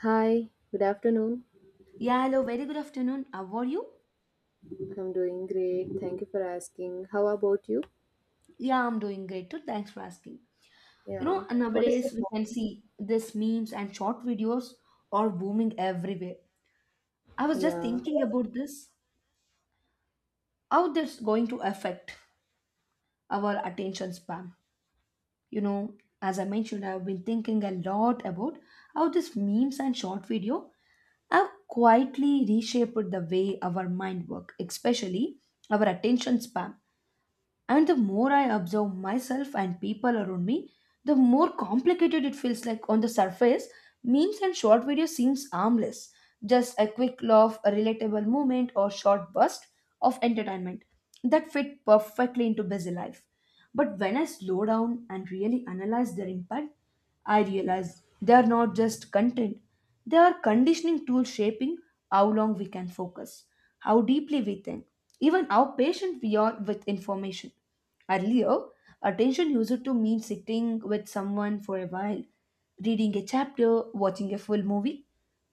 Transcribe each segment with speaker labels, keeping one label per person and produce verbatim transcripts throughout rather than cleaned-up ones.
Speaker 1: Hi, good afternoon.
Speaker 2: Yeah, hello, very good afternoon. Uh, How are you?
Speaker 1: I'm doing great. Thank you for asking. How about you?
Speaker 2: Yeah, I'm doing great too. Thanks for asking. You
Speaker 1: Yeah.
Speaker 2: know,
Speaker 1: What is the
Speaker 2: nowadays we can see this memes and short videos are booming everywhere. I was just
Speaker 1: topic?
Speaker 2: thinking about this, how that's going to affect our attention span. You know, as I mentioned, I've been thinking a lot about how these memes and short video have quietly reshaped the way our mind work, especially our attention span. And the more I observe myself and people around me, the more complicated it feels like on the surface. Memes and short videos seems harmless, just a quick laugh, a relatable moment or short burst of entertainment that fit perfectly into busy life. But when I slow down and really analyze their impact, I realize they are not just content, they are conditioning tools shaping how long we can focus, how deeply we think, even how patient we are with information. Earlier, attention used to mean sitting with someone for a while, reading a chapter, watching a full movie,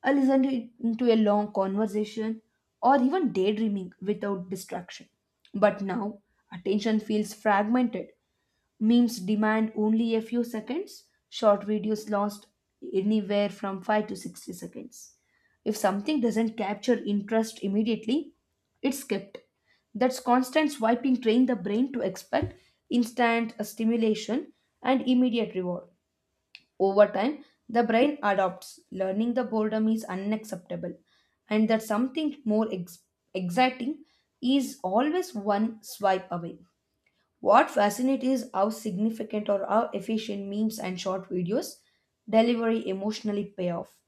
Speaker 2: or listening to a long conversation, or even daydreaming without distraction. But now, attention feels fragmented. Memes demand only a few seconds. Short videos last anywhere from five to sixty seconds. If something doesn't capture interest immediately, it's skipped. That's constant swiping train the brain to expect instant stimulation and immediate reward. Over time, the brain adopts. Learning the boredom is unacceptable, and that something more ex- exciting is always one swipe away. What fascinates is how significant or how efficient memes and short videos deliver emotionally payoff.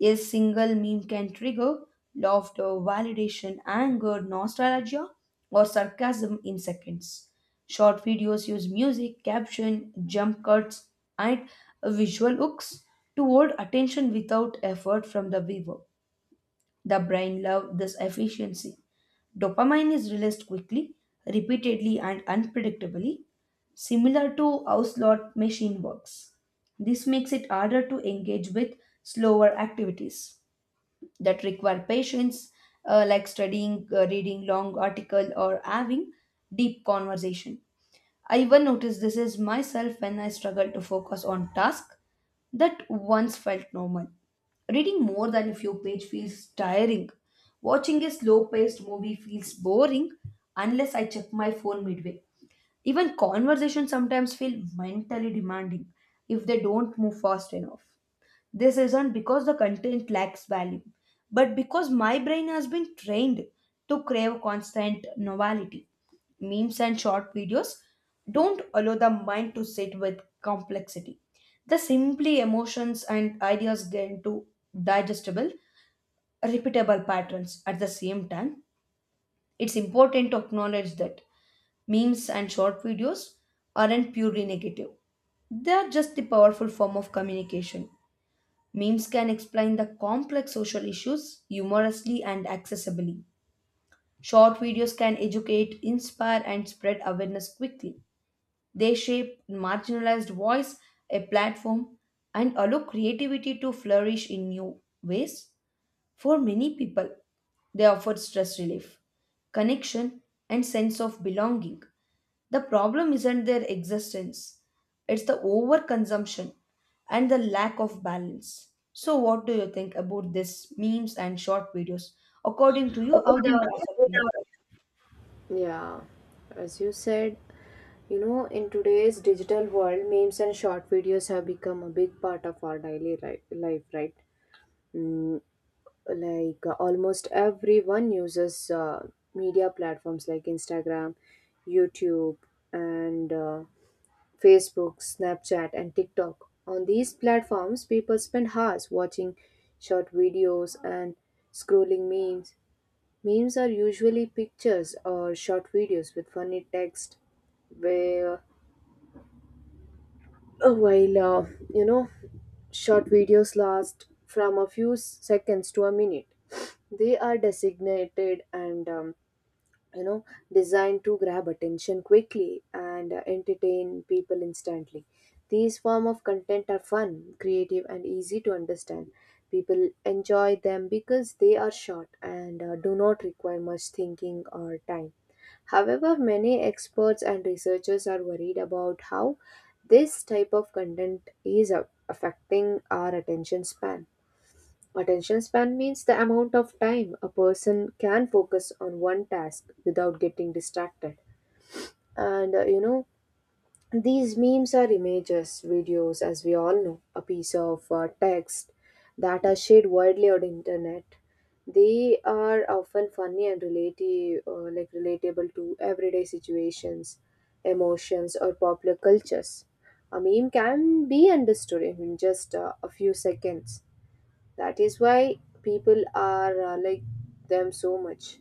Speaker 2: A single meme can trigger laughter, validation, anger, nostalgia, or sarcasm in seconds. Short videos use music, caption, jump cuts, and visual hooks to hold attention without effort from the viewer. The brain loves this efficiency. Dopamine is released quickly, repeatedly, and unpredictably, similar to how slot machine works. This makes it harder to engage with slower activities that require patience, uh, like studying, uh, reading long article, or having deep conversation. I even noticed this is myself when I struggle to focus on task that once felt normal. Reading more than a few page feels tiring. Watching a slow-paced movie feels boring unless I check my phone midway. Even conversations sometimes feel mentally demanding if they don't move fast enough. This isn't because the content lacks value, but because my brain has been trained to crave constant novelty. Memes and short videos don't allow the mind to sit with complexity. The simply emotions and ideas get into digestible, repeatable patterns at the same time. It's important to acknowledge that memes and short videos aren't purely negative, they are just the powerful form of communication. Memes can explain the complex social issues humorously and accessibly. Short videos can educate, inspire, and spread awareness quickly. They shape marginalized voice, a platform, and allow creativity to flourish in new ways for many people. They offer stress relief, connection, and sense of belonging. The problem isn't their existence, it's the overconsumption and the lack of balance. So, what do you think about this memes and short videos? According to you, how they are
Speaker 1: Yeah.
Speaker 2: affecting?
Speaker 1: Yeah. As you said, you know, in today's digital world, memes and short videos have become a big part of our daily ri- life, right? Mm, like uh, almost everyone uses uh, media platforms like Instagram, YouTube, and uh, Facebook, Snapchat, and TikTok. On these platforms, people spend hours watching short videos and scrolling memes. Memes are usually pictures or short videos with funny text, where uh, while uh, you know short videos last from a few seconds to a minute. They are designated and um, you know designed to grab attention quickly and uh, entertain people instantly. These form of content are fun, creative, and easy to understand. People enjoy them because they are short and uh, do not require much thinking or time. However, many experts and researchers are worried about how this type of content is uh, affecting our attention span. Attention span means the amount of time a person can focus on one task without getting distracted. And uh, you know, these memes are images, videos, as we all know, a piece of uh, text that are shared widely on internet. They are often funny and relative, uh, like relatable to everyday situations, emotions, or popular cultures. A meme can be understood in just uh, a few seconds. That is why people are uh, like them so much.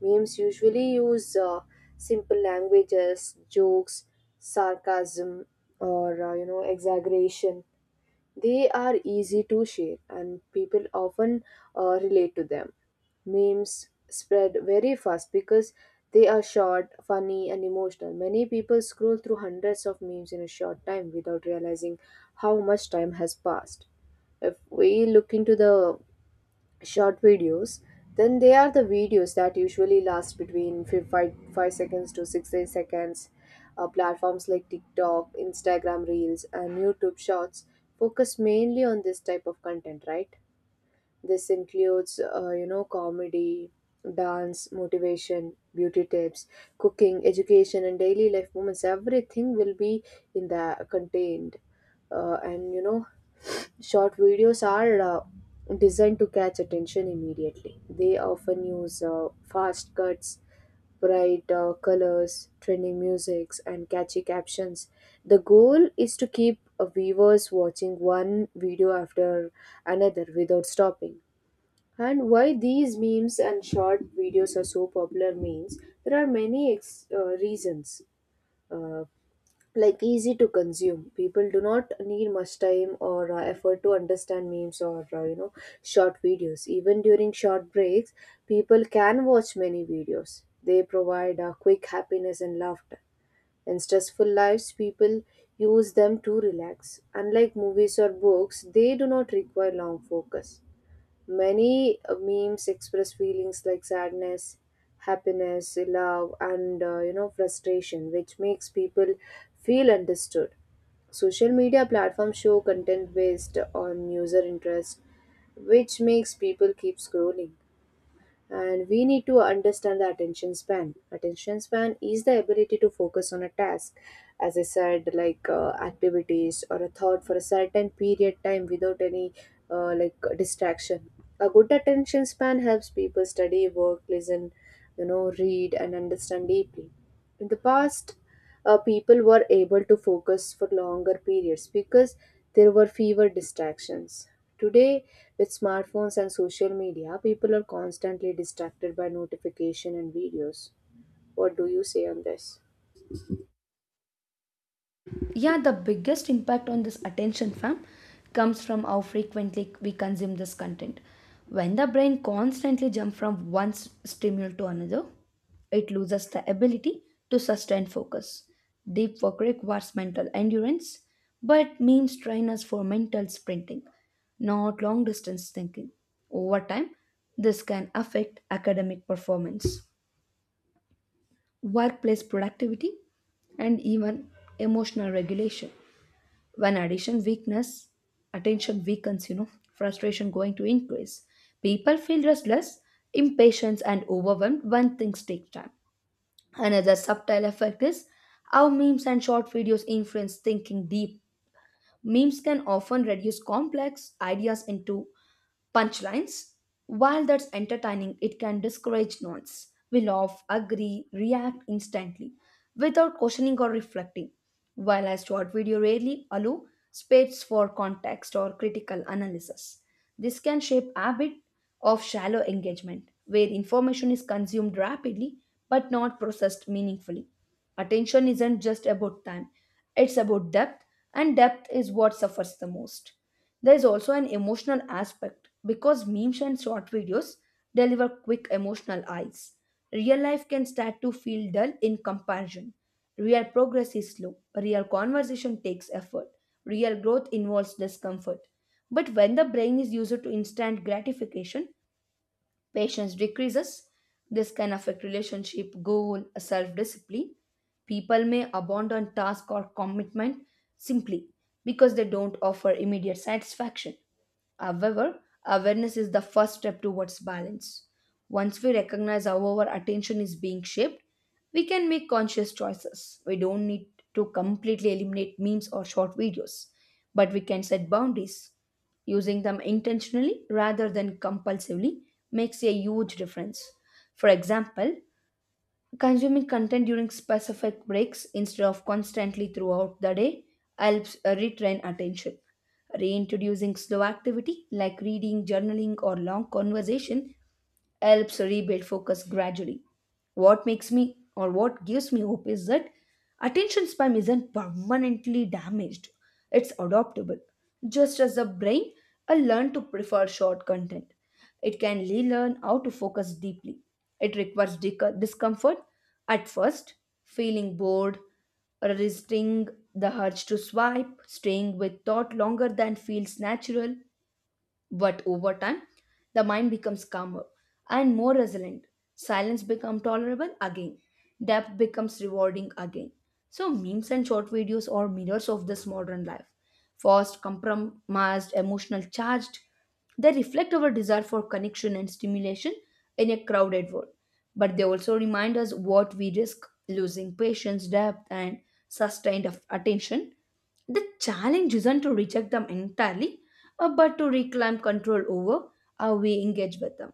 Speaker 1: Memes usually use uh, simple languages, jokes, sarcasm, or uh, you know exaggeration. They are easy to share, and people often uh, relate to them. Memes spread very fast because they are short, funny, and emotional. Many people scroll through hundreds of memes in a short time without realizing how much time has passed. If we look into the short videos, then they are the videos that usually last between fi- 5 5 seconds to sixty seconds. Uh, platforms like TikTok, Instagram Reels, and YouTube Shorts focus mainly on this type of content, right? This includes, uh, you know, comedy, dance, motivation, beauty tips, cooking, education, and daily life moments. Everything will be in the contained. uh, and you know, short videos are uh, designed to catch attention immediately. They often use uh, fast cuts, bright uh, colors, trending musics, and catchy captions. The goal is to keep uh, viewers watching one video after another without stopping. And why these memes and short videos are so popular means there are many ex- uh, reasons. Uh, like, easy to consume. People do not need much time or uh, effort to understand memes or uh, you know short videos. Even during short breaks, people can watch many videos. They provide uh, quick happiness and laughter. In stressful lives, people use them to relax. Unlike movies or books, they do not require long focus. Many uh, memes express feelings like sadness, happiness, love, and uh, you know frustration, which makes people feel understood. Social media platforms show content based on user interest, which makes people keep scrolling. And we need to understand the attention span. Attention span is the ability to focus on a task, as I said, like uh, activities or a thought for a certain period time without any uh, like distraction. A good attention span helps people study, work, listen, you know read, and understand deeply. In the past, uh, people were able to focus for longer periods because there were fewer distractions. Today, with smartphones and social media, people are constantly distracted by notification and videos. What do you say on this?
Speaker 2: Yeah, the biggest impact on this attention fam comes from how frequently we consume this content. When the brain constantly jumps from one s- stimulus to another, it loses the ability to sustain focus. Deep work requires mental endurance, but memes train us for mental sprinting, not long distance thinking. Over time, this can affect academic performance, workplace productivity, and even emotional regulation when addition weakness attention weakens. You know frustration going to increase. People feel restless, impatient, and overwhelmed when things take time. Another subtle effect is how memes and short videos influence thinking deep. Memes can often reduce complex ideas into punchlines. While that's entertaining, it can discourage nods. We laugh, agree, react instantly without questioning or reflecting. While a short video rarely allow space for context or critical analysis. This can shape a habit of shallow engagement, where information is consumed rapidly but not processed meaningfully. Attention isn't just about time, it's about depth, and depth is what suffers the most. There is also an emotional aspect because memes and short videos deliver quick emotional highs. Real life can start to feel dull in comparison. Real progress is slow. Real conversation takes effort. Real growth involves discomfort. But when the brain is used to instant gratification, patience decreases. This can affect relationship, goal, self discipline. People may abandon task or commitment simply because they don't offer immediate satisfaction. However, awareness is the first step towards balance. Once we recognize how our attention is being shaped, we can make conscious choices. We don't need to completely eliminate memes or short videos, but we can set boundaries. Using them intentionally rather than compulsively makes a huge difference. For example, consuming content during specific breaks instead of constantly throughout the day helps uh, retrain attention. Reintroducing slow activity like reading, journaling, or long conversation helps rebuild focus gradually. What makes me or what gives me hope is that attention span isn't permanently damaged, it's adaptable. Just as the brain will learn to prefer short content, it can relearn how to focus deeply. It requires dic- discomfort at first, feeling bored, resisting the urge to swipe, staying with thought longer than feels natural, but over time, the mind becomes calmer and more resilient. Silence becomes tolerable again. Depth becomes rewarding again. So, memes and short videos are mirrors of this modern life. Fast, compromised, emotional charged, they reflect our desire for connection and stimulation in a crowded world. But they also remind us what we risk losing patience, depth, and sustained attention. The challenge isn't to reject them entirely, uh, but to reclaim control over how we engage with them.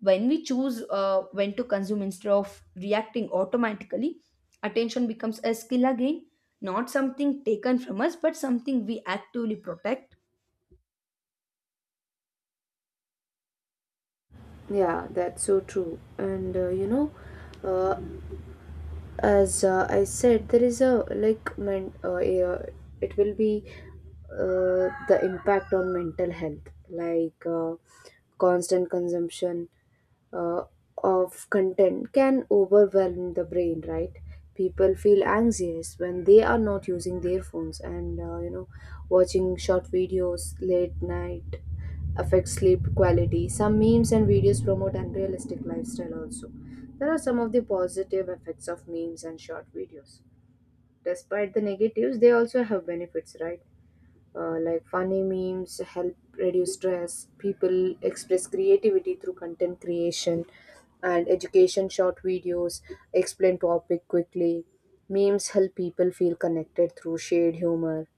Speaker 2: When we choose uh, when to consume instead of reacting automatically, attention becomes a skill again, not something taken from us, but something we actively protect.
Speaker 1: Yeah, that's so true. And uh, you know, uh, as uh, I said, there is a like men- uh, a- it will be uh, the impact on mental health, like, uh, constant consumption uh, of content can overwhelm the brain, right? People feel anxious when they are not using their phones, and uh, you know watching short videos late night affects sleep quality. Some memes and videos promote unrealistic lifestyle also. There are some of the positive effects of memes and short videos. Despite the negatives, they also have benefits, right? Uh, like, funny memes help reduce stress. People express creativity through content creation, and education short videos explain topic quickly. Memes help people feel connected through shared humor.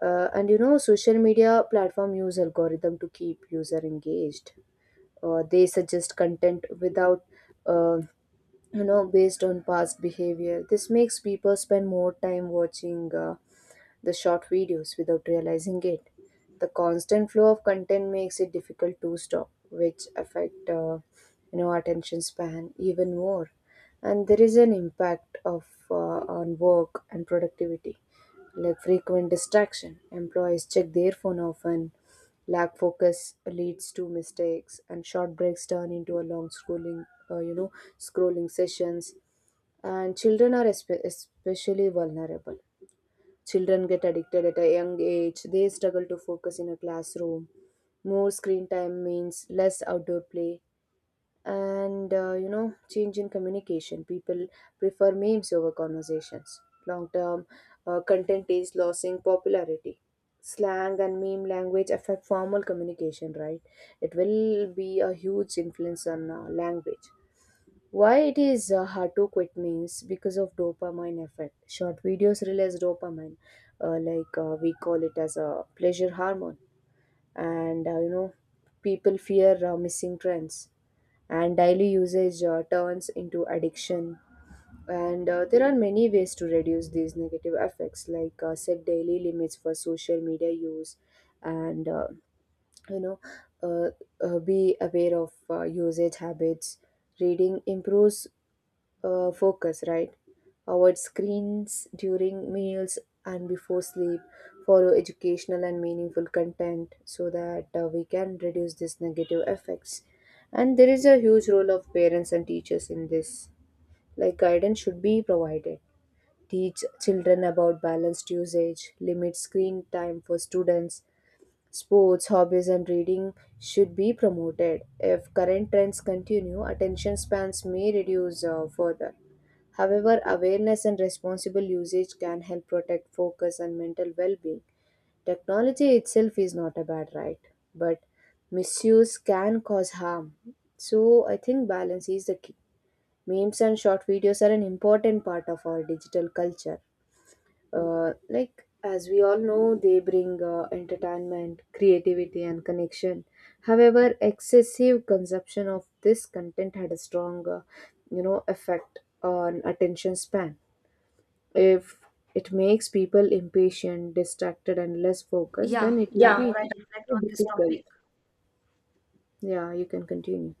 Speaker 1: Uh, and you know, social media platform use algorithm to keep user engaged. Uh, they suggest content without, uh, you know, based on past behavior. This makes people spend more time watching. Uh, the short videos without realizing it. The constant flow of content makes it difficult to stop, which affect uh, you know attention span even more. And there is an impact of uh, on work and productivity, like frequent distraction. Employees check their phone often. Lack focus leads to mistakes, and short breaks turn into a long scrolling, uh, you know, scrolling sessions. And children are espe- especially vulnerable. Children get addicted at a young age. They struggle to focus in a classroom. More screen time means less outdoor play, and uh, you know change in communication. People prefer memes over conversations. Long term, uh, content is losing popularity. Slang and meme language affect formal communication, right? It will be a huge influence on uh, language. Why it is uh, hard to quit means because of dopamine effect. Short videos release dopamine, uh, like uh, we call it as a pleasure hormone, and uh, you know people fear uh, missing trends. And daily usage uh, turns into addiction. And uh, there are many ways to reduce these negative effects, like, uh, set daily limits for social media use, and uh, you know uh, uh, be aware of uh, usage habits. Reading improves uh, focus, right? Avoid screens during meals and before sleep. Follow educational and meaningful content so that uh, we can reduce these negative effects. And there is a huge role of parents and teachers in this. Like, guidance should be provided. Teach children about balanced usage, limit screen time for students. Sports, hobbies, and reading should be promoted. If current trends continue, attention spans may reduce uh, further. However, awareness and responsible usage can help protect focus and mental well being. Technology itself is not a bad, right? But misuse can cause harm. So, I think balance is the key. Memes and short videos are an important part of our digital culture. Uh, like, as we all know, they bring uh, entertainment, creativity, and connection. However, excessive consumption of this content had a strong, uh, you know, effect on attention span. If it makes people impatient, distracted, and less focused,
Speaker 2: Yeah,
Speaker 1: then it will,
Speaker 2: the
Speaker 1: yeah,
Speaker 2: more I
Speaker 1: be
Speaker 2: reflect on this
Speaker 1: difficult.
Speaker 2: topic,
Speaker 1: Yeah, you can continue.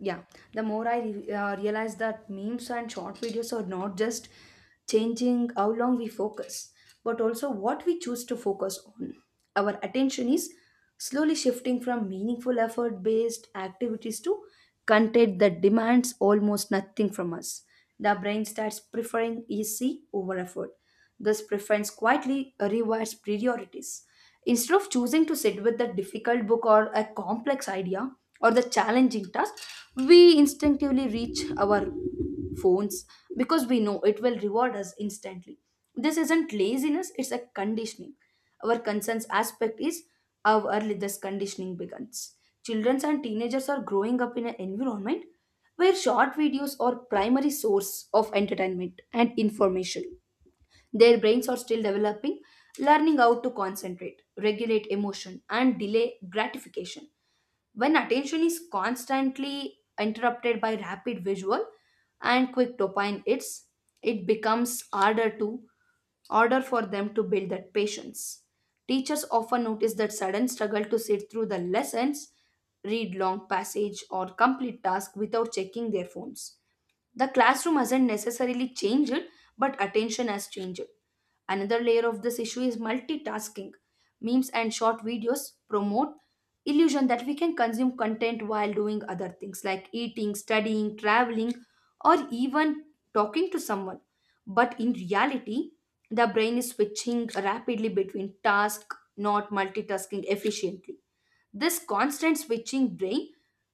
Speaker 2: yeah, the more I re- uh, realize that memes and short videos are not just changing how long we focus, but also what we choose to focus on. Our attention is slowly shifting from meaningful effort based activities to content that demands almost nothing from us. The brain starts preferring easy over effort. This preference quietly rewires priorities. Instead of choosing to sit with the difficult book or a complex idea or the challenging task, we instinctively reach our phones because we know it will reward us instantly. This isn't laziness, it's a conditioning. Our concerns aspect is how early this conditioning begins. Children and teenagers are growing up in an environment where short videos are primary source of entertainment and information. Their brains are still developing, learning how to concentrate, regulate emotion, and delay gratification. When attention is constantly interrupted by rapid visual and quick dopamine hits, it becomes harder to order for them to build that patience. Teachers often notice that sudden struggle to sit through the lessons, read long passage, or complete task without checking their phones. The classroom hasn't necessarily changed, but attention has changed. Another layer of this issue is multitasking. Memes and short videos promote illusion that we can consume content while doing other things like eating, studying, traveling, or even talking to someone. But in reality, the brain is switching rapidly between tasks, not multitasking efficiently. This constant switching drains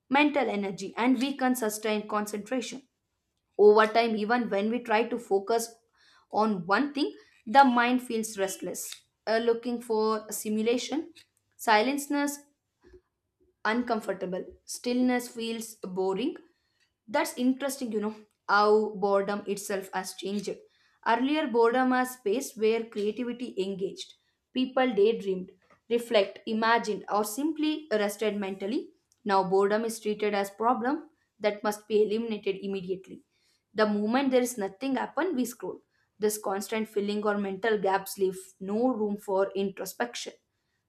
Speaker 2: mental energy and weakens sustained concentration. Over time, even when we try to focus on one thing, the mind feels restless, uh, looking for stimulation. Silenceness uncomfortable. Stillness feels boring. That's interesting, you know, how boredom itself has changed. Earlier, boredom was space where creativity engaged. People daydreamed, reflect, imagined, or simply rested mentally. Now, boredom is treated as problem that must be eliminated immediately. The moment there is nothing happen, we scroll. This constant filling or mental gaps leave no room for introspection.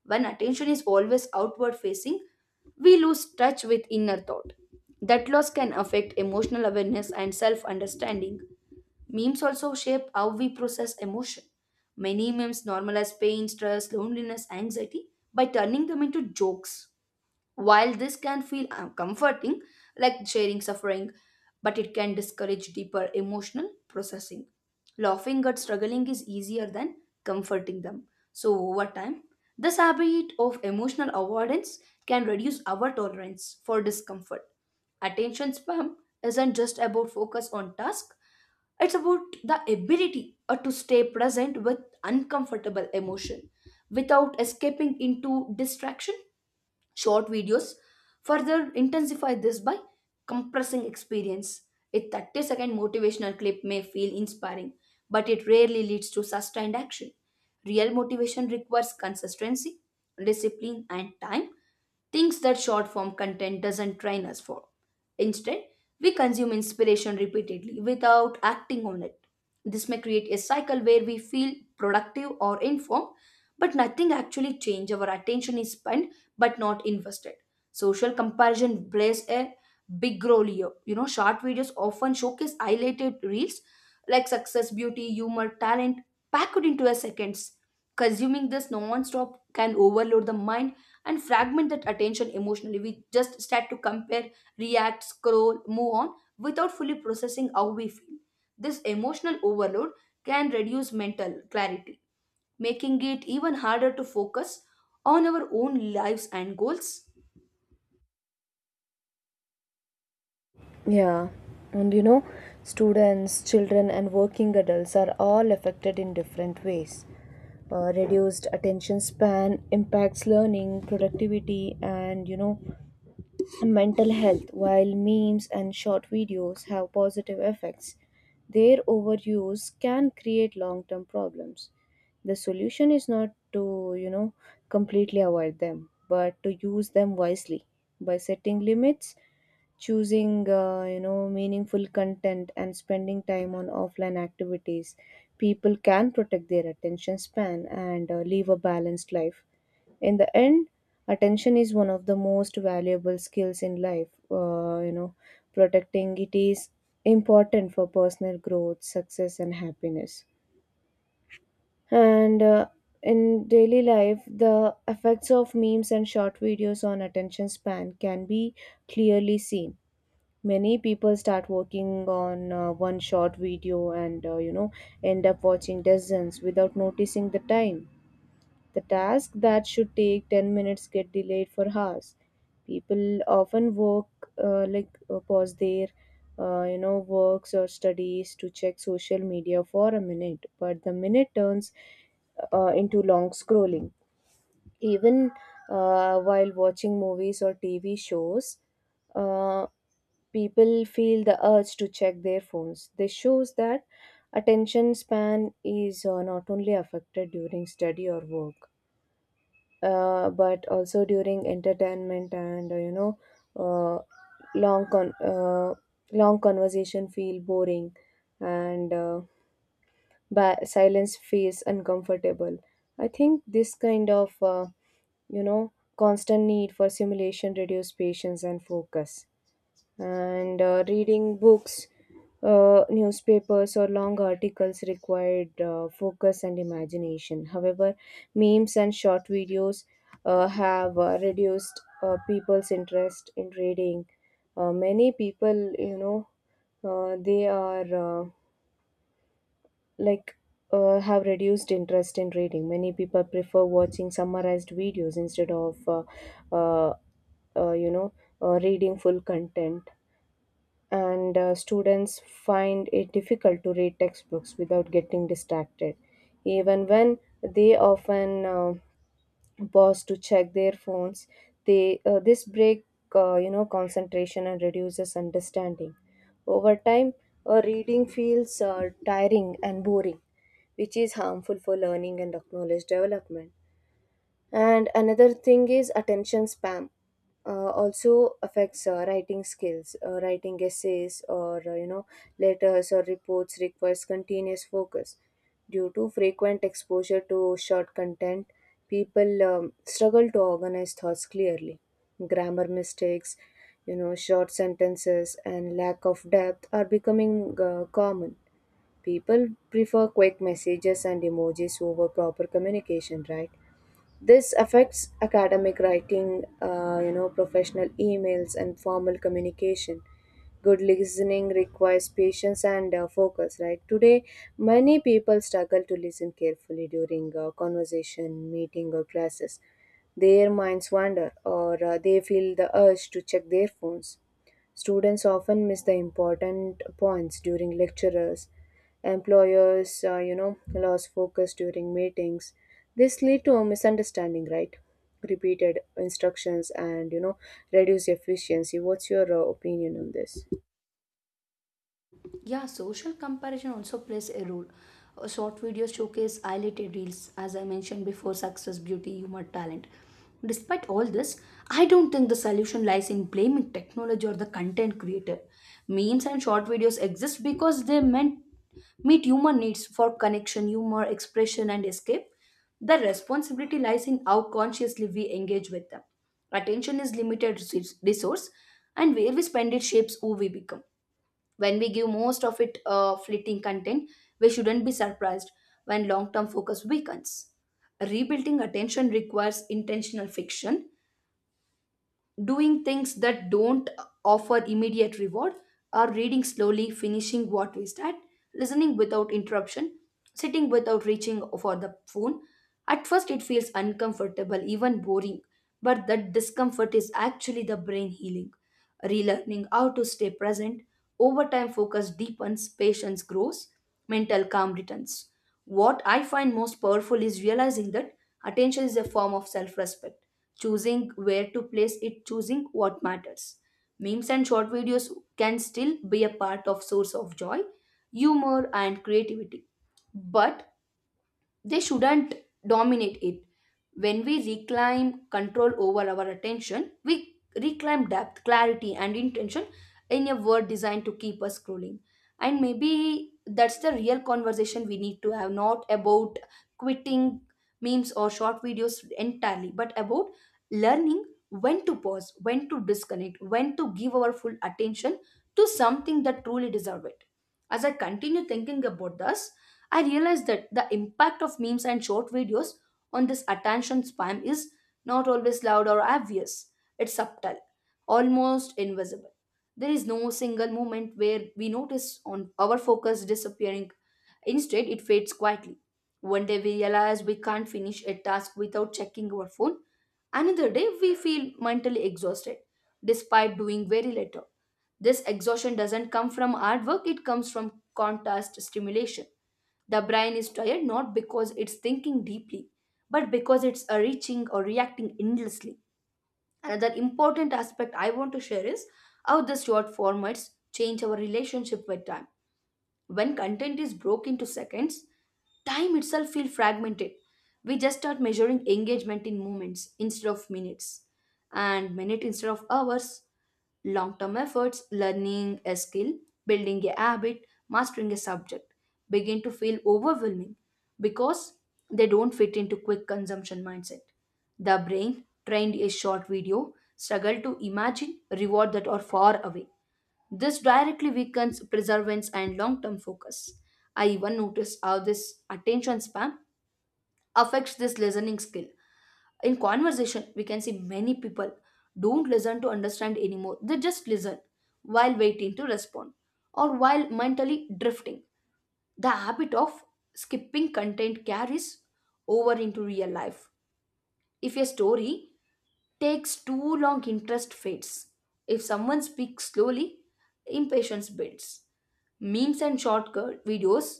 Speaker 2: When attention is always outward facing, we lose touch with inner thought. That loss can affect emotional awareness and self understanding. Memes also shape how we process emotion. Many memes normalize pain, stress, loneliness, anxiety by turning them into jokes. While this can feel uh, comforting, like sharing suffering, but it can discourage deeper emotional processing. Laughing at struggling is easier than comforting them. So, over time, this habit of emotional avoidance can reduce our tolerance for discomfort. Attention spam isn't just about focus on task, it's about the ability uh, to stay present with uncomfortable emotion without escaping into distraction. Short videos further intensify this by compressing experience. A thirty second motivational clip may feel inspiring, but it rarely leads to sustained action. Real motivation requires consistency, discipline, and time, things that short form content doesn't train us for. Instead, we consume inspiration repeatedly without acting on it. This may create a cycle where we feel productive or informed, but nothing actually changes. Our attention is spent but not invested. Social comparison plays a big role here. You know, short videos often showcase highlighted reels like success, beauty, humor, talent packed into a seconds. Consuming this non-stop can overload the mind and fragment that attention emotionally. We just start to compare react, scroll, move on without fully processing how we feel. This emotional overload can reduce mental clarity, making it even harder to focus on our own lives and goals.
Speaker 1: Yeah, and you know, students, children, and working adults are all affected in different ways. Uh, reduced attention span impacts learning, productivity, and you know, mental health. While memes and short videos have positive effects, their overuse can create long-term problems. The solution is not to, you know, completely avoid them, but to use them wisely by setting limits, choosing, uh, you know, meaningful content, and spending time on offline activities. People can protect their attention span and uh, live a balanced life. In the end, attention is one of the most valuable skills in life. Uh, you know protecting it is important for personal growth, success, and happiness. And uh, in daily life, the effects of memes and short videos on attention span can be clearly seen. Many people start working on uh, one short video and uh, you know end up watching dozens without noticing the time. The task that should take ten minutes get delayed for hours. People often work uh, like uh, pause their uh, you know works or studies to check social media for a minute, but the minute turns uh, into long scrolling. Even uh, while watching movies or T V shows, uh, people feel the urge to check their phones. This shows that attention span is uh, not only affected during study or work, uh, but also during entertainment and uh, you know uh, long con- uh, long conversation feel boring, and uh, ba- silence feels uncomfortable. I think this kind of uh, you know constant need for simulation reduce patience and focus. And uh, reading books, uh, newspapers, or long articles required uh, focus and imagination. However, memes and short videos uh, have uh, reduced uh, people's interest in reading. Uh, many people you know uh, they are uh, like uh, have reduced interest in reading. Many people prefer watching summarized videos instead of uh, uh, uh, you know uh, reading full content. And uh, students find it difficult to read textbooks without getting distracted. Even when they often uh, pause to check their phones, they uh, this break uh, you know concentration and reduces understanding. Over time, uh, reading feels uh, tiring and boring, which is harmful for learning and knowledge development. And another thing is attention spam. Uh, also affects uh, writing skills. Uh, writing essays or uh, you know letters or reports requires continuous focus. Due to frequent exposure to short content, people um, struggle to organize thoughts clearly. Grammar mistakes, you know, short sentences, and lack of depth are becoming uh, common. People prefer quick messages and emojis over proper communication, right? This affects academic writing, uh, you know, professional emails, and formal communication. Good listening requires patience and uh, focus, right? Today, many people struggle to listen carefully during a conversation, meeting, or classes. Their minds wander, or uh, they feel the urge to check their phones. Students often miss the important points during lectures. Employers, uh, you know, lose focus during meetings. This lead to a misunderstanding, right? Repeated instructions and you know reduce efficiency. What's your uh, opinion on this?
Speaker 2: Yeah, social comparison also plays a role. Uh, Short videos showcase highlighted reels, as I mentioned before success, beauty, humor, talent. Despite all this, I don't think the solution lies in blaming technology or the content creator. Memes and short videos exist because they meant meet human needs for connection, humor, expression, and escape. The responsibility lies in how consciously we engage with them. Attention is limited resource, resource, and where we spend it shapes who we become. When we give most of it uh, fleeting content, we shouldn't be surprised when long term focus weakens. Rebuilding attention requires intentional fiction doing things that don't offer immediate reward are reading slowly, finishing what we start, listening without interruption, sitting without reaching for the phone. At first, it feels uncomfortable, even boring, but that discomfort is actually the brain healing. Relearning how to stay present, over time, focus deepens, patience grows, mental calm returns. What I find most powerful is realizing that attention is a form of self respect, choosing where to place it, choosing what matters. Memes and short videos can still be a part of source of joy, humor, and creativity, but they shouldn't dominate it. When we reclaim control over our attention, we reclaim depth, clarity, and intention in a word designed to keep us scrolling. And maybe that's the real conversation we need to have, not about quitting memes or short videos entirely, but about learning when to pause, when to disconnect, when to give our full attention to something that truly deserves it. As I continue thinking about this, I realized that the impact of memes and short videos on this attention span is not always loud or obvious. It's subtle, almost invisible. There is no single moment where we notice on our focus disappearing. Instead, it fades quietly. One day we realize we can't finish a task without checking our phone. Another day we feel mentally exhausted despite doing very little. This exhaustion doesn't come from hard work, it comes from contrast stimulation. The brain is tired not because it's thinking deeply, but because it's uh, reaching or reacting endlessly. Another important aspect I want to share is how the short formats change our relationship with time. When content is broken into seconds, time itself feels fragmented. We just start measuring engagement in moments instead of minutes, and minute instead of hours. Long term efforts, learning a skill, building a habit, mastering a subject begin to feel overwhelming because they don't fit into quick consumption mindset. The brain, trained a short video, struggle to imagine reward that are far away. This directly weakens perseverance and long term focus. I even notice how this attention span affects this listening skill. In conversation, we can see many people don't listen to understand anymore, they just listen while waiting to respond or while mentally drifting. The habit of skipping content carries over into real life if a story takes too long, interest fades. If someone speaks slowly, impatience builds. Memes and shortcut videos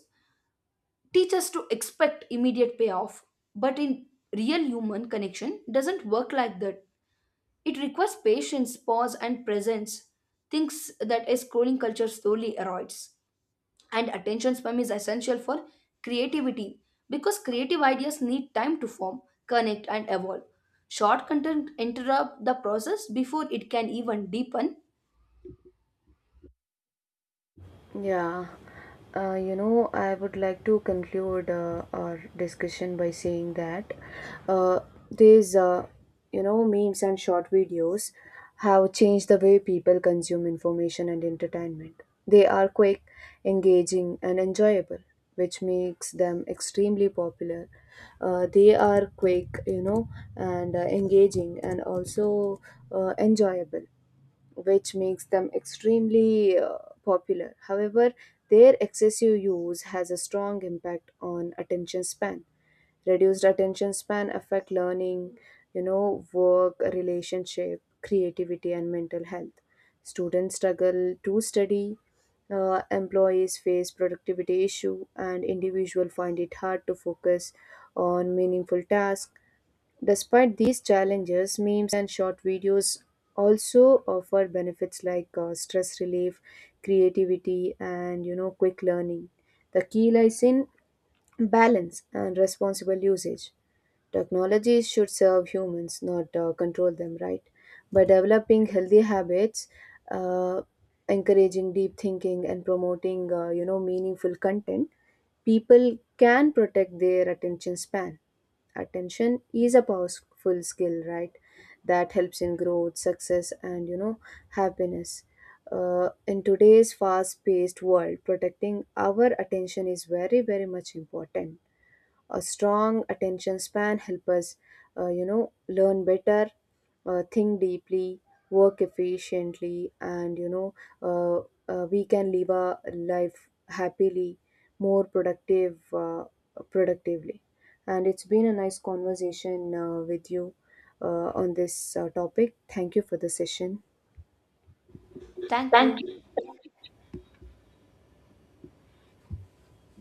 Speaker 2: teach us to expect immediate payoff, but in real human connection doesn't work like that. It requires patience, pause, and presence, things that a scrolling culture slowly erodes and attention span is essential for creativity because creative ideas need time to form, connect, and evolve. Short content interrupt the process before it can even deepen.
Speaker 1: Yeah, uh, you know, I would like to conclude uh, our discussion by saying that, uh, these, uh, you know, memes and short videos have changed the way people consume information and entertainment. They are quick, engaging, and enjoyable, which makes them extremely popular. Uh, they are quick, you know, and uh, engaging, and also uh, enjoyable, which makes them extremely uh, popular. However, their excessive use has a strong impact on attention span. Reduced attention span affect learning, you know, work, relationship, creativity, and mental health. Students struggle to study. Uh, employees face productivity issue and individuals find it hard to focus on meaningful tasks. Despite these challenges, memes and short videos also offer benefits like uh, stress relief, creativity, and you know, quick learning. The key lies in balance and responsible usage. Technologies should serve humans, not uh, control them, right? By developing healthy habits, uh, encouraging deep thinking, and promoting uh, you know meaningful content, people can protect their attention span. Attention is a powerful skill, right? That helps in growth, success, and you know happiness. Uh, in today's fast-paced world, protecting our attention is very, very much important. A strong attention span help us uh, you know learn better, uh, think deeply, work efficiently, and you know uh, uh, we can live a life happily, more productive uh, productively. And it's been a nice conversation uh, with you uh, on this uh, topic. Thank you for the session.
Speaker 2: Thank
Speaker 1: Thank you.
Speaker 2: you.